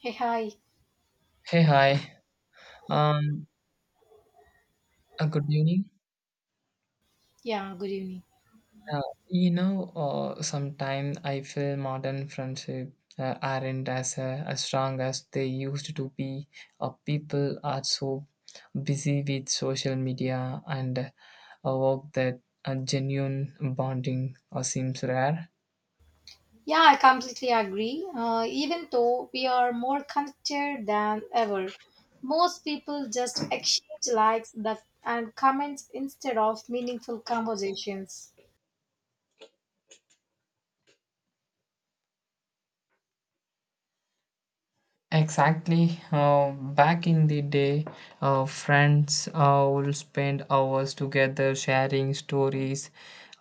Hey, hi. Hey, hi. Um, Good evening. Yeah, good evening. Uh, Sometimes I feel modern friendship aren't as strong as they used to be. People are so busy with social media and work that genuine bonding seems rare. Yeah, I completely agree. Even though we are more connected than ever, most people just exchange likes that and comments instead of meaningful conversations. Exactly. Back in the day, friends would spend hours together sharing stories,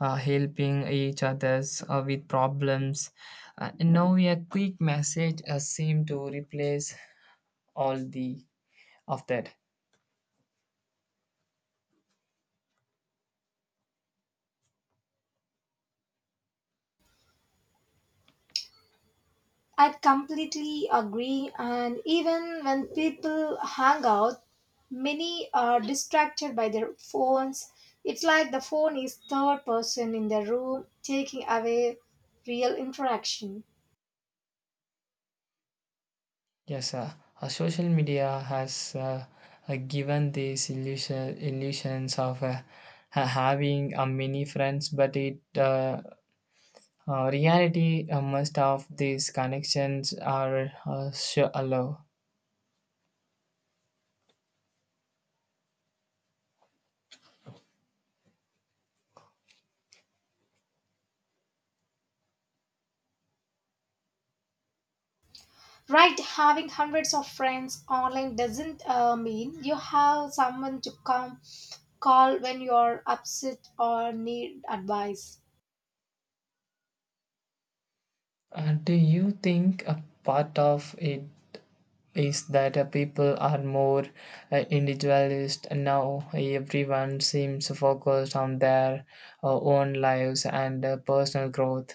helping each others with problems. Now a quick message seems to replace all the of that. I completely agree. And even when people hang out, many are distracted by their phones. It's like the phone is third person in the room, taking away real interaction. Yes, sir. Social media has given these illusions of having many friends, but it reality must of these connections are sure. Right, having hundreds of friends online doesn't mean you have someone to come call when you're upset or need advice. Do you think a part of it is that people are more individualist now? Everyone seems focused on their own lives and personal growth.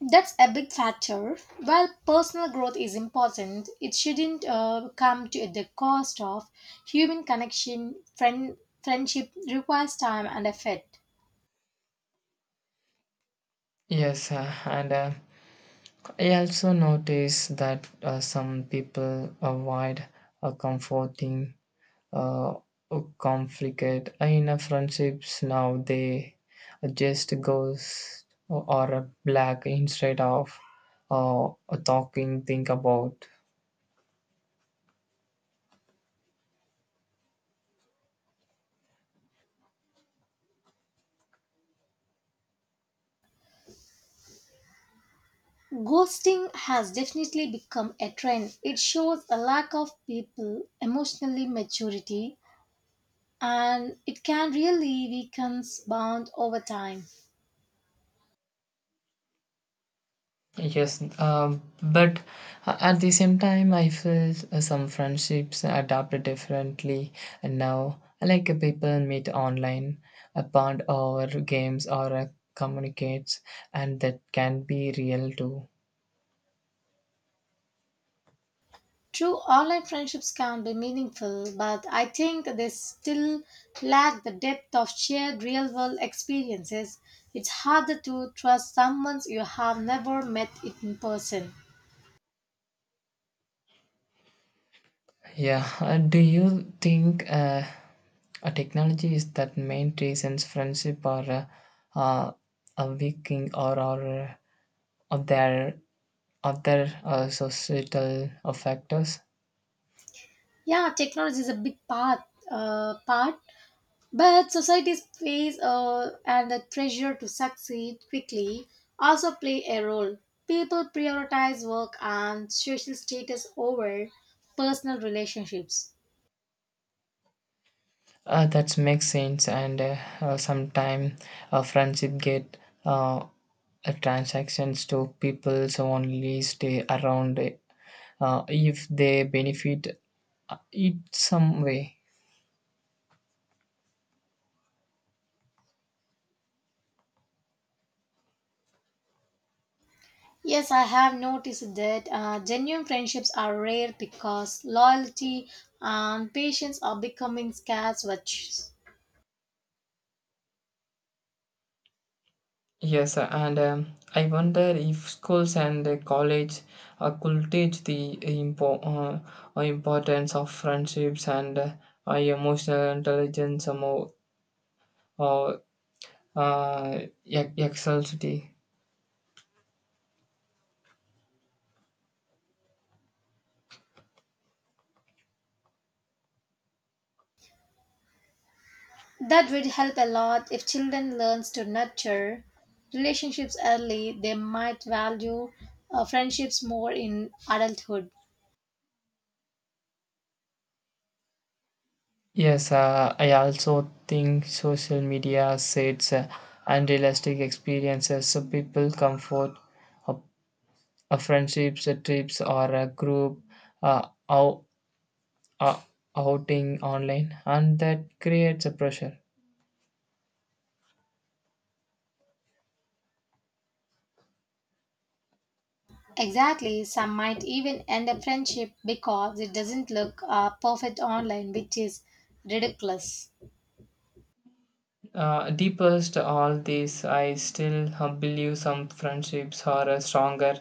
That's a big factor. While personal growth is important, it shouldn't come to the cost of human connection. Friendship requires time and effort. Yes, and I also notice that some people avoid comforting uh, conflict in a friendships now they just goes or a black instead of uh, talking think about. Ghosting has definitely become a trend. It shows a lack of people emotionally maturity and it can really weaken bond over time. Yes, but at the same time I feel some friendships adapt differently now, like people meet online, bond over games or communicates, and that can be real too. True online friendships can be meaningful, but I think they still lack the depth of shared real world experiences. It's harder to trust someone you have never met in person. Yeah, do you think a technology is that main reasons friendship are uh, uh, a weakening or there other societal factors? Yeah, technology is a big part. But society's face and the pressure to succeed quickly also play a role. People prioritize work and social status over personal relationships. That makes sense, and sometimes friendship get uh, transactions to people so only stay around if they benefit it some way. Yes, I have noticed that genuine friendships are rare because loyalty and patience are becoming scarce virtues. Yes, and I wonder if schools and college could teach the importance of friendships and emotional intelligence or more, or excellency. That would help a lot if children learns to nurture relationships early. They might value friendships more in adulthood. Yes, I also think social media sets unrealistic experiences. So people comfort uh, friendships, trips, or a group out uh, outing online and that creates a pressure. Exactly, some might even end a friendship because it doesn't look perfect online, which is ridiculous. Deepest all this I still believe some friendships are stronger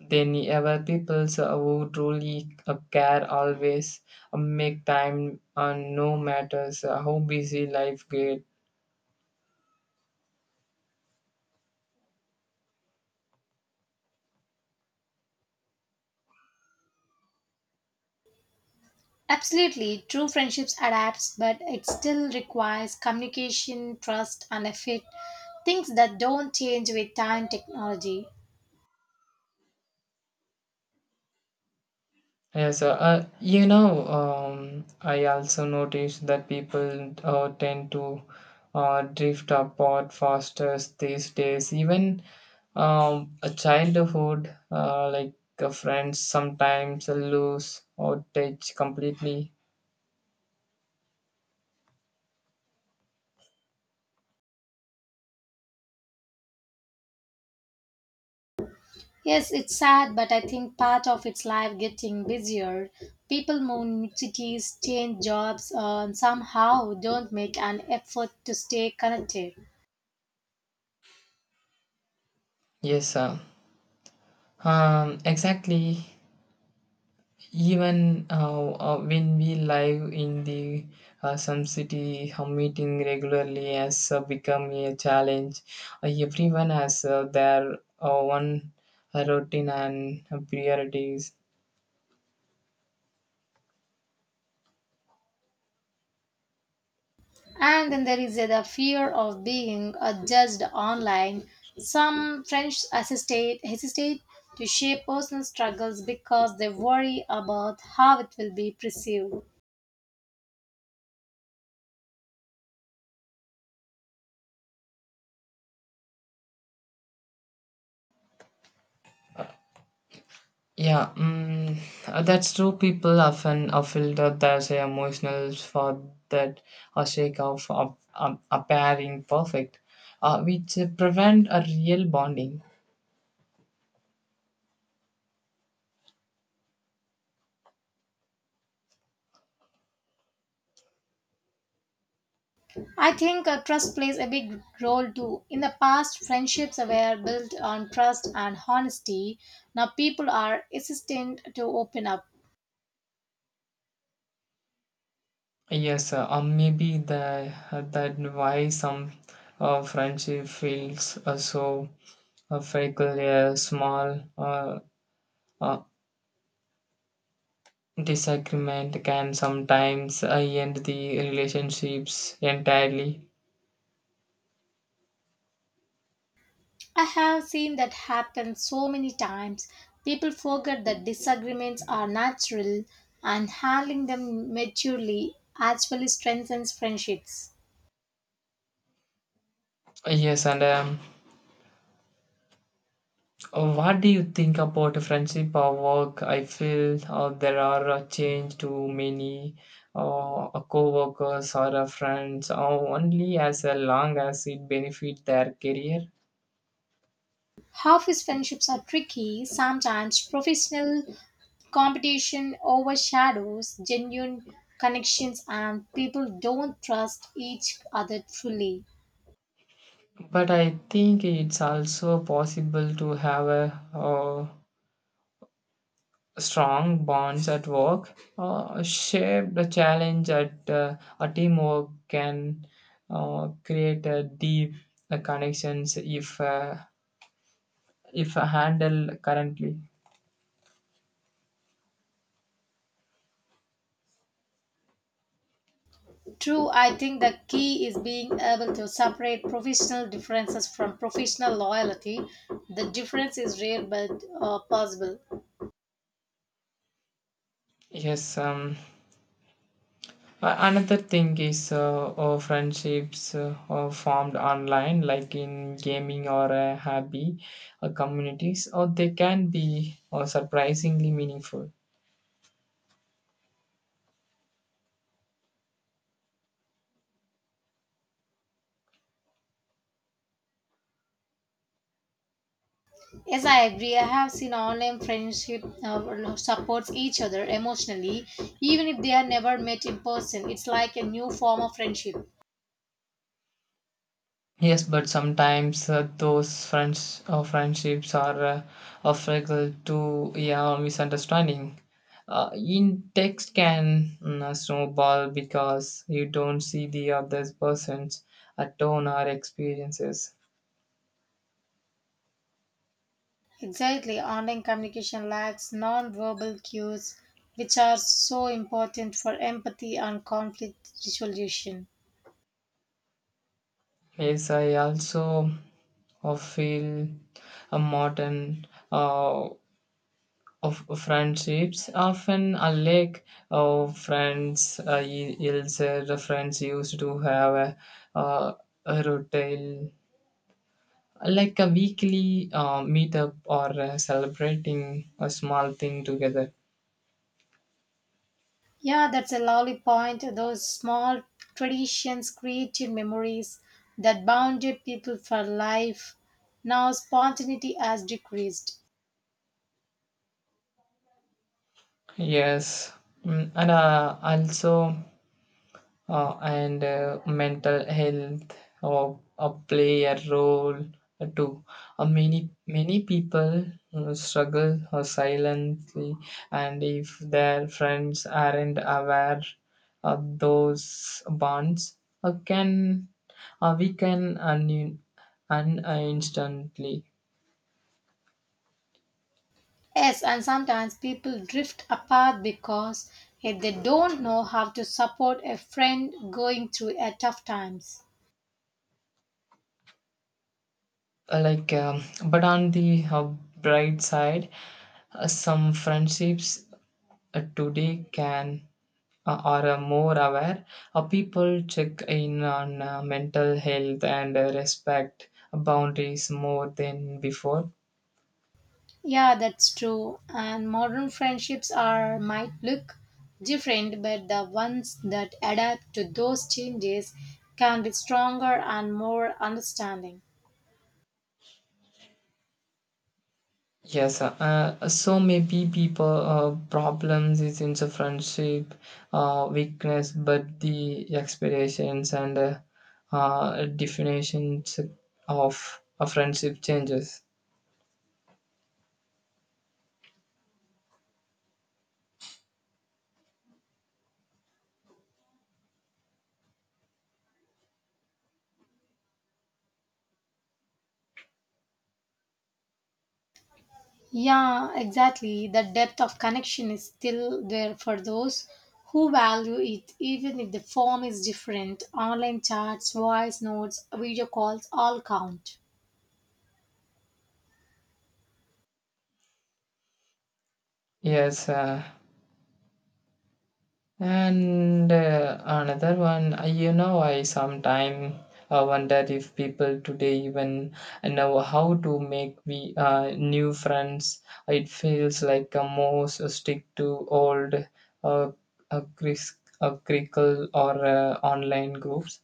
than ever, people who truly care always make time no matters how busy life gets. Absolutely, true friendships adapts, but it still requires communication, trust, and effort. Things that don't change with time technology. Yes, I also noticed that people tend to drift apart faster these days. Even a childhood, friends, sometimes lose or touch completely. Yes, it's sad, but I think part of its life getting busier. People move new cities, change jobs, and somehow don't make an effort to stay connected. Yes, exactly. Even when we live in the some city, meeting regularly has become a challenge. Everyone has their one routine and priorities. And then there is the fear of being judged online. Some French hesitate to share personal struggles because they worry about how it will be perceived. Yeah, mm, that's true. People often filter their say, emotionals for that sake of appearing perfect, which prevent a real bonding. I think trust plays a big role too. In the past, friendships were built on trust and honesty. Now people are hesitant to open up. Yes, maybe the, that why some friendship feels so fickle. A small uh, disagreement can sometimes end the relationships entirely. I have seen that happen so many times. People forget that disagreements are natural and handling them maturely actually strengthens friendships. Yes, and what do you think about friendship or work? I feel there are a change to many co-workers or friends only as long as it benefit their career. Office friendships are tricky. Sometimes professional competition overshadows genuine connections and people don't trust each other fully. But I think it's also possible to have a strong bonds at work, shared the challenge at a teamwork can create a deep connections if handled currently. True, I think the key is being able to separate professional differences from professional loyalty. The difference is rare but possible. Yes, another thing is friendships are formed online like in gaming or a hobby communities, or they can be surprisingly meaningful. Yes, I agree. I have seen online friendship supports each other emotionally, even if they are never met in person. It's like a new form of friendship. Yes, but sometimes those friends or friendships are fragile to yeah misunderstanding. In text can mm, snowball because you don't see the other person's tone or experiences. Exactly, online communication lacks non-verbal cues, which are so important for empathy and conflict resolution. Yes, I also feel a modern of friendships often unlike friends is the friends used to have uh, a routine, like a weekly meetup or celebrating a small thing together. Yeah, that's a lovely point. Those small traditions created memories that bounded people for life. Now spontaneity has decreased. Yes. Mm, and also and mental health uh, play a role too. Many many people struggle silently, and if their friends aren't aware of those bonds, can we can instantly. Yes, and sometimes people drift apart because if they don't know how to support a friend going through a tough times. Uh, like um, but on the bright side, some friendships today can are more aware. People check in on mental health and respect boundaries more than before. Yeah, that's true. And modern friendships are might look different, but the ones that adapt to those changes can be stronger and more understanding. Yes, so maybe people problems is in the friendship, weakness, but the expectations and definitions of a friendship changes. Yeah, exactly. The depth of connection is still there for those who value it, even if the form is different. Online chats, voice notes, video calls all count. Yes, and another one, you know, I sometimes wonder if people today even know how to make we new friends. It feels like a most stick to old uh, a cris- a crickle or online groups.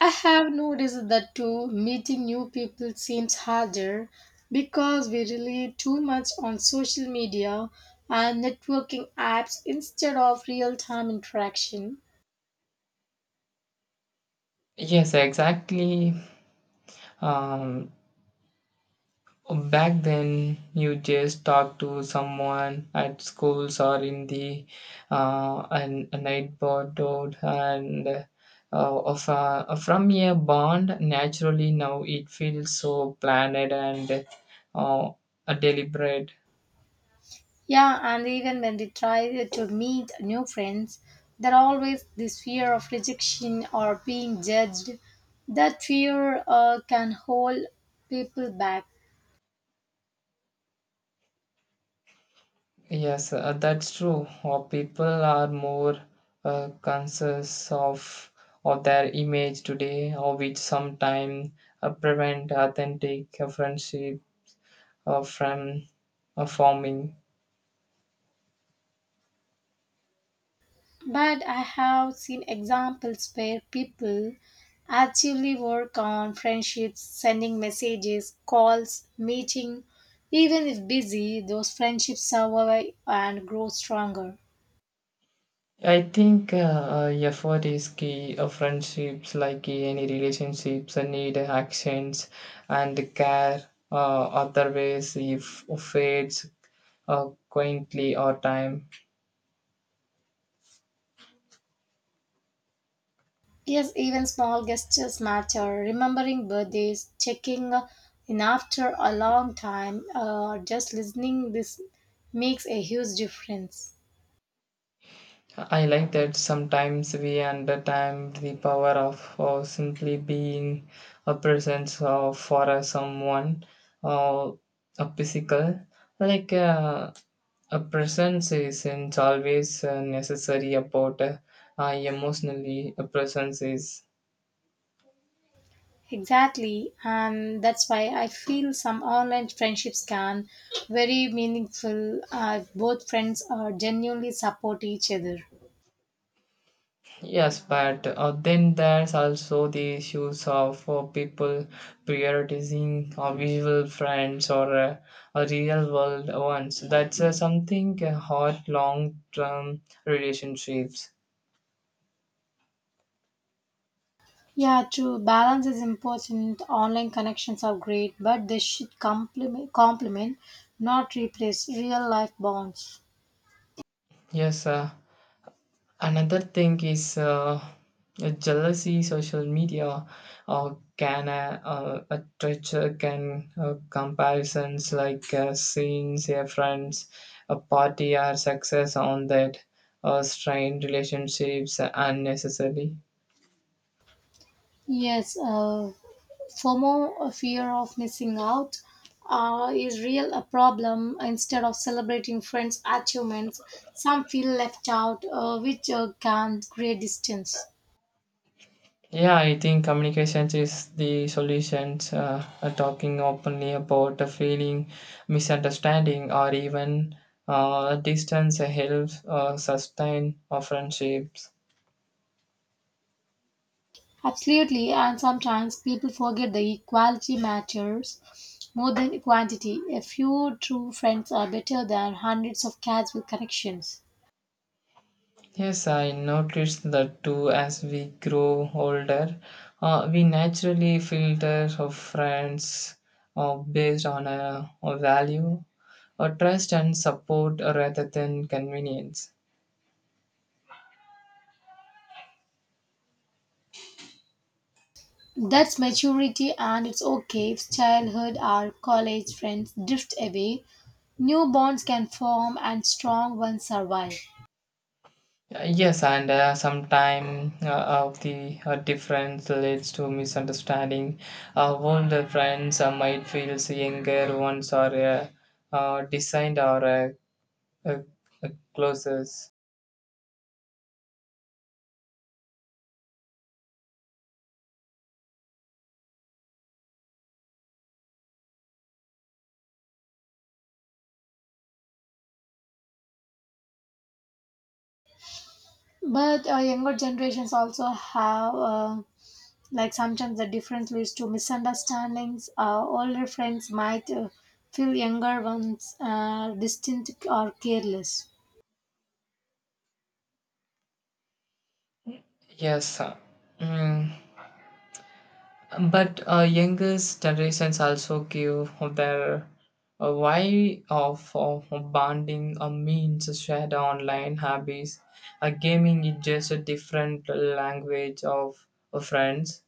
I have noticed that too, meeting new people seems harder because we rely too much on social media and networking apps instead of real time interaction. Yes, exactly. Um, Back then, you just talk to someone at schools or in the a neighborhood, and from a bond. Naturally, now it feels so planned and uh, deliberate. Yeah, and even when they try to meet new friends, there always this fear of rejection or being judged. That fear can hold people back. Yes, that's true. Or people are more conscious of their image today, or which sometimes prevent authentic friendship from forming. But I have seen examples where people actively work on friendships, sending messages, calls, meeting. Even if busy, those friendships survive and grow stronger. I think effort is key. Friendships, like any relationships, need actions and care. Otherwise, if fades quaintly or time. Yes, even small gestures matter. Remembering birthdays, checking in after a long time, just listening, this makes a huge difference. I like that sometimes we understand the power of simply being a presence for someone, uh, a physical. Like a presence isn't always necessary about emotionally a presence is. Exactly, and that's why I feel some online friendships can very meaningful. Both friends are genuinely support each other. Yes, but then there's also the issues of people prioritizing visual friends or a real world ones. That's something hard long term relationships. Yeah, true. Balance is important. Online connections are great, but they should complement, not replace real life bonds. Yes, another thing is jealousy. Social media can a treasure can comparisons like seeing their friends, a party or success on that strain relationships unnecessarily. Yes, FOMO, fear of missing out, is real a problem. Instead of celebrating friends' achievements, some feel left out, which can create distance. Yeah, I think communication is the solution. Talking openly about a feeling, misunderstanding, or even distance helps sustain our friendships. Absolutely, and sometimes people forget the equality matters more than quantity. A few true friends are better than hundreds of casual connections. Yes, I noticed that too as we grow older. We naturally filter our friends based on a value, or trust and support rather than convenience. That's maturity, and it's okay if childhood or college friends drift away. New bonds can form and strong ones survive. Yes, and sometime of the difference leads to misunderstanding. Older friends might feel younger ones are designed or uh, uh, closest. But younger generations also have, like sometimes the difference leads to misunderstandings. Older friends might feel younger ones distant or careless. Yes. Mm. But youngest generations also give their why of bonding a means shared online hobbies. Gaming is just a different language of friends.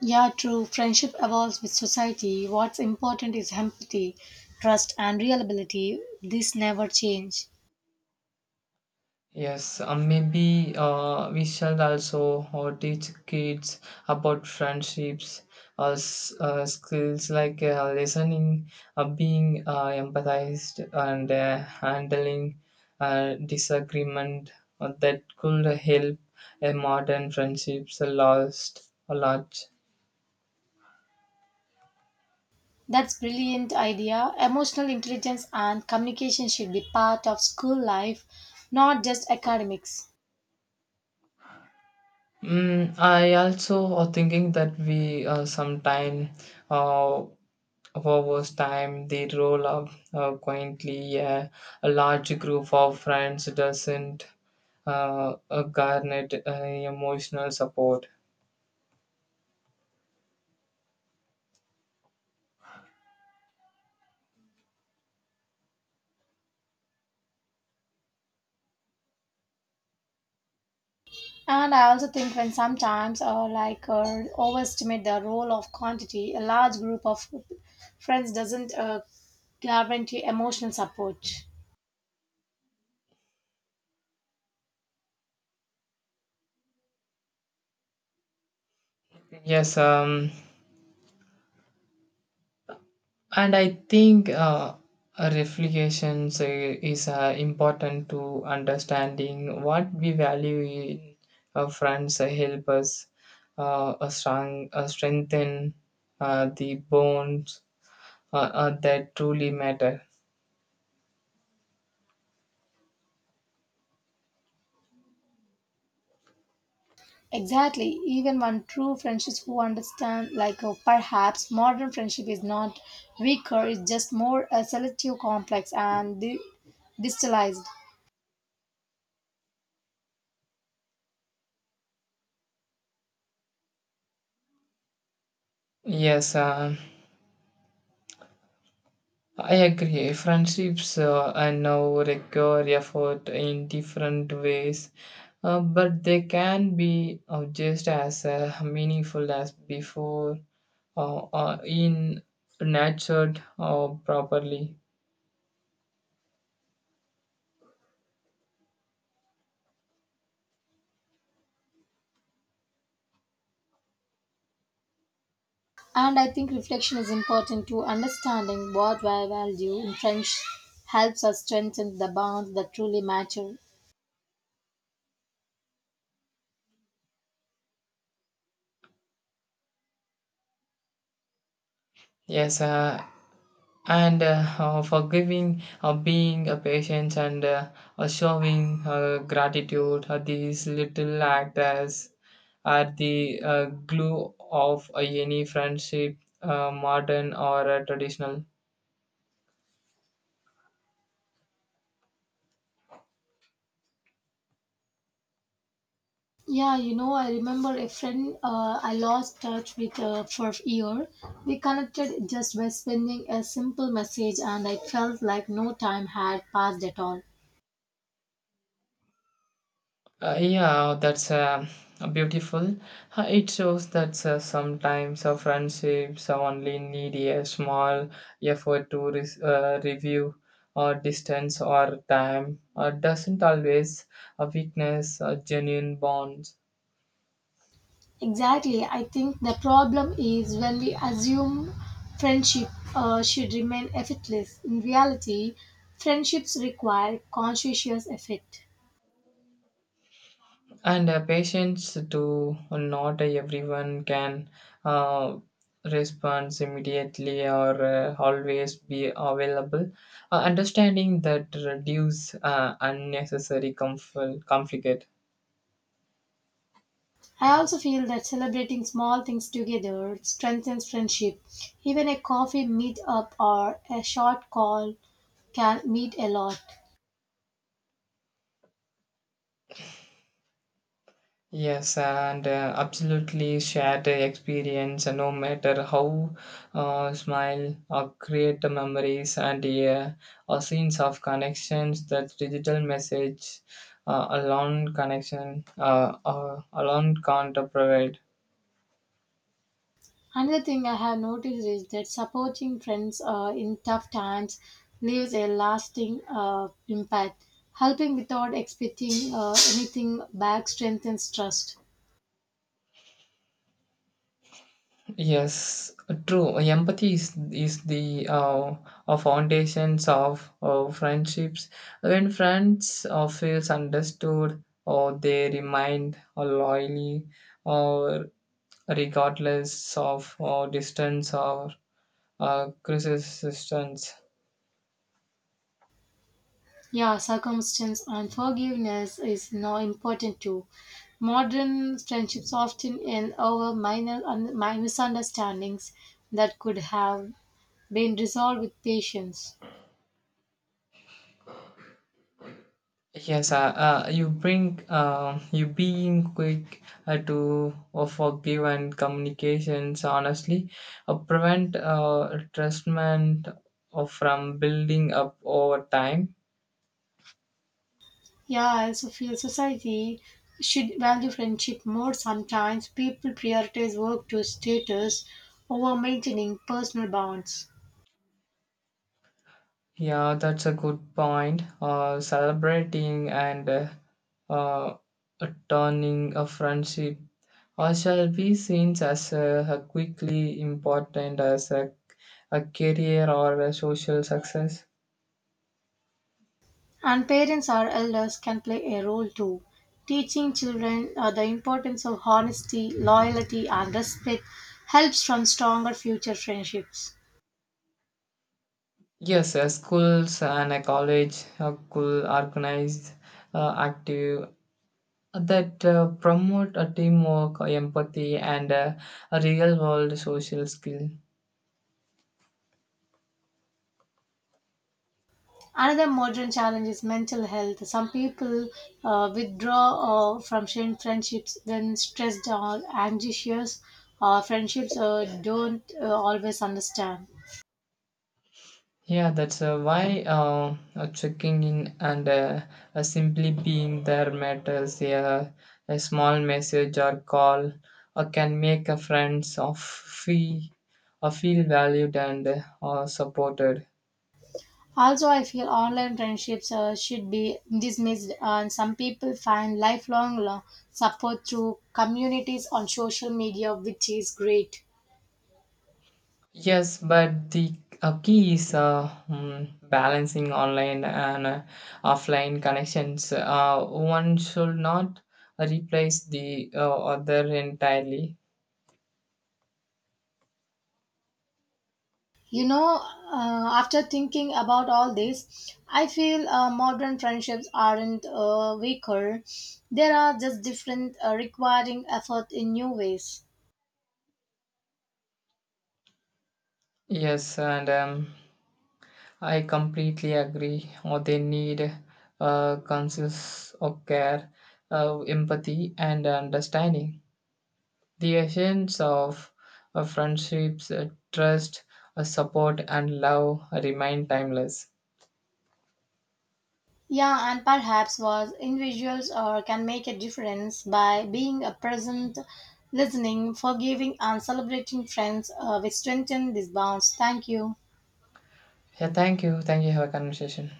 Yeah, true. Friendship evolves with society. What's important is empathy, trust, and reliability. This never change. Yes, maybe we should also teach kids about friendships, skills like listening, being empathized, and handling disagreement. That could help a modern friendships last a lot. That's brilliant idea. Emotional intelligence and communication should be part of school life, not just academics. Mm, I also are thinking that we sometime uh, over time, they roll up quietly. A large group of friends doesn't garnet emotional support. And I also think when sometimes overestimate the role of quantity, a large group of friends doesn't guarantee emotional support. Yes, and I think reflections is important to understanding what we value in friends, help us strengthen the bonds that truly matter. Exactly. Even one true friendships who understand, perhaps modern friendship is not weaker, it's just more selective, complex, and distillized. Yes, I agree. Friendships and now require effort in different ways, but they can be just as meaningful as before, in nurtured or properly. And I think reflection is important too. Understanding what we value in friendship helps us strengthen the bonds that truly matter. Yes, and forgiving, being a patient, and showing gratitude. These little acts are the glue of any friendship, modern or traditional. Yeah, you know, I remember a friend I lost touch with for a year. We connected just by sending a simple message, and I felt like no time had passed at all. Yeah, that's beautiful. It shows that sometimes a friendships only need a small effort to review or distance or time. Doesn't always a weakness, a genuine bond. Exactly. I think the problem is when we assume friendship should remain effortless. In reality, friendships require conscientious effort. And patience to not everyone can uh, respond immediately or always be available. Understanding that reduce unnecessary conflict. I also feel that celebrating small things together strengthens friendship. Even a coffee meet-up or a short call can mean a lot. Yes, and absolutely shared the experience, and no matter how smile or create the memories and or scenes of connections that digital message alone connection alone can't provide. Another thing I have noticed is that supporting friends in tough times leaves a lasting impact. Helping without expecting anything back strengthens trust. Yes, true. Empathy is the foundations of friendships. When friends feels understood, or they remind loyally, or regardless of distance or resistance. Yeah, circumstance and forgiveness is now important too. Modern friendships often end over minor misunderstandings that could have been resolved with patience. Yes, you bring you being quick to forgive and communications honestly prevent trustment from building up over time. Yeah, I also feel society should value friendship more. Sometimes people prioritize work to status over maintaining personal bonds. Yeah, that's a good point. Celebrating and uh, turning a friendship or shall be seen as a quickly important as a career or a social success. And parents or elders can play a role too, teaching children the importance of honesty, loyalty, and respect helps from stronger future friendships. Yes, schools and a college could organize active that promote a teamwork, empathy, and a real world social skill. Another modern challenge is mental health. Some people withdraw from friendships when stressed or anxious, or friendships don't always understand. Yeah, that's why checking in and simply being there matters. Yeah, a small message or call can make a friends of feel, feel valued and supported. Also, I feel online friendships should be dismissed, and some people find lifelong support through communities on social media, which is great. Yes, but the key is hmm, balancing online and offline connections. One should not replace the other entirely. You know, after thinking about all this, I feel modern friendships aren't weaker. They are just different, requiring effort in new ways. Yes, and I completely agree. Or they need conscious of care, empathy, and understanding. The essence of friendships, trust, support, and love remain timeless. Yeah, and perhaps was individuals or can make a difference by being a present, listening, forgiving, and celebrating friends. We strengthen these bonds. Thank you. Yeah, thank you. Thank you. Have a conversation.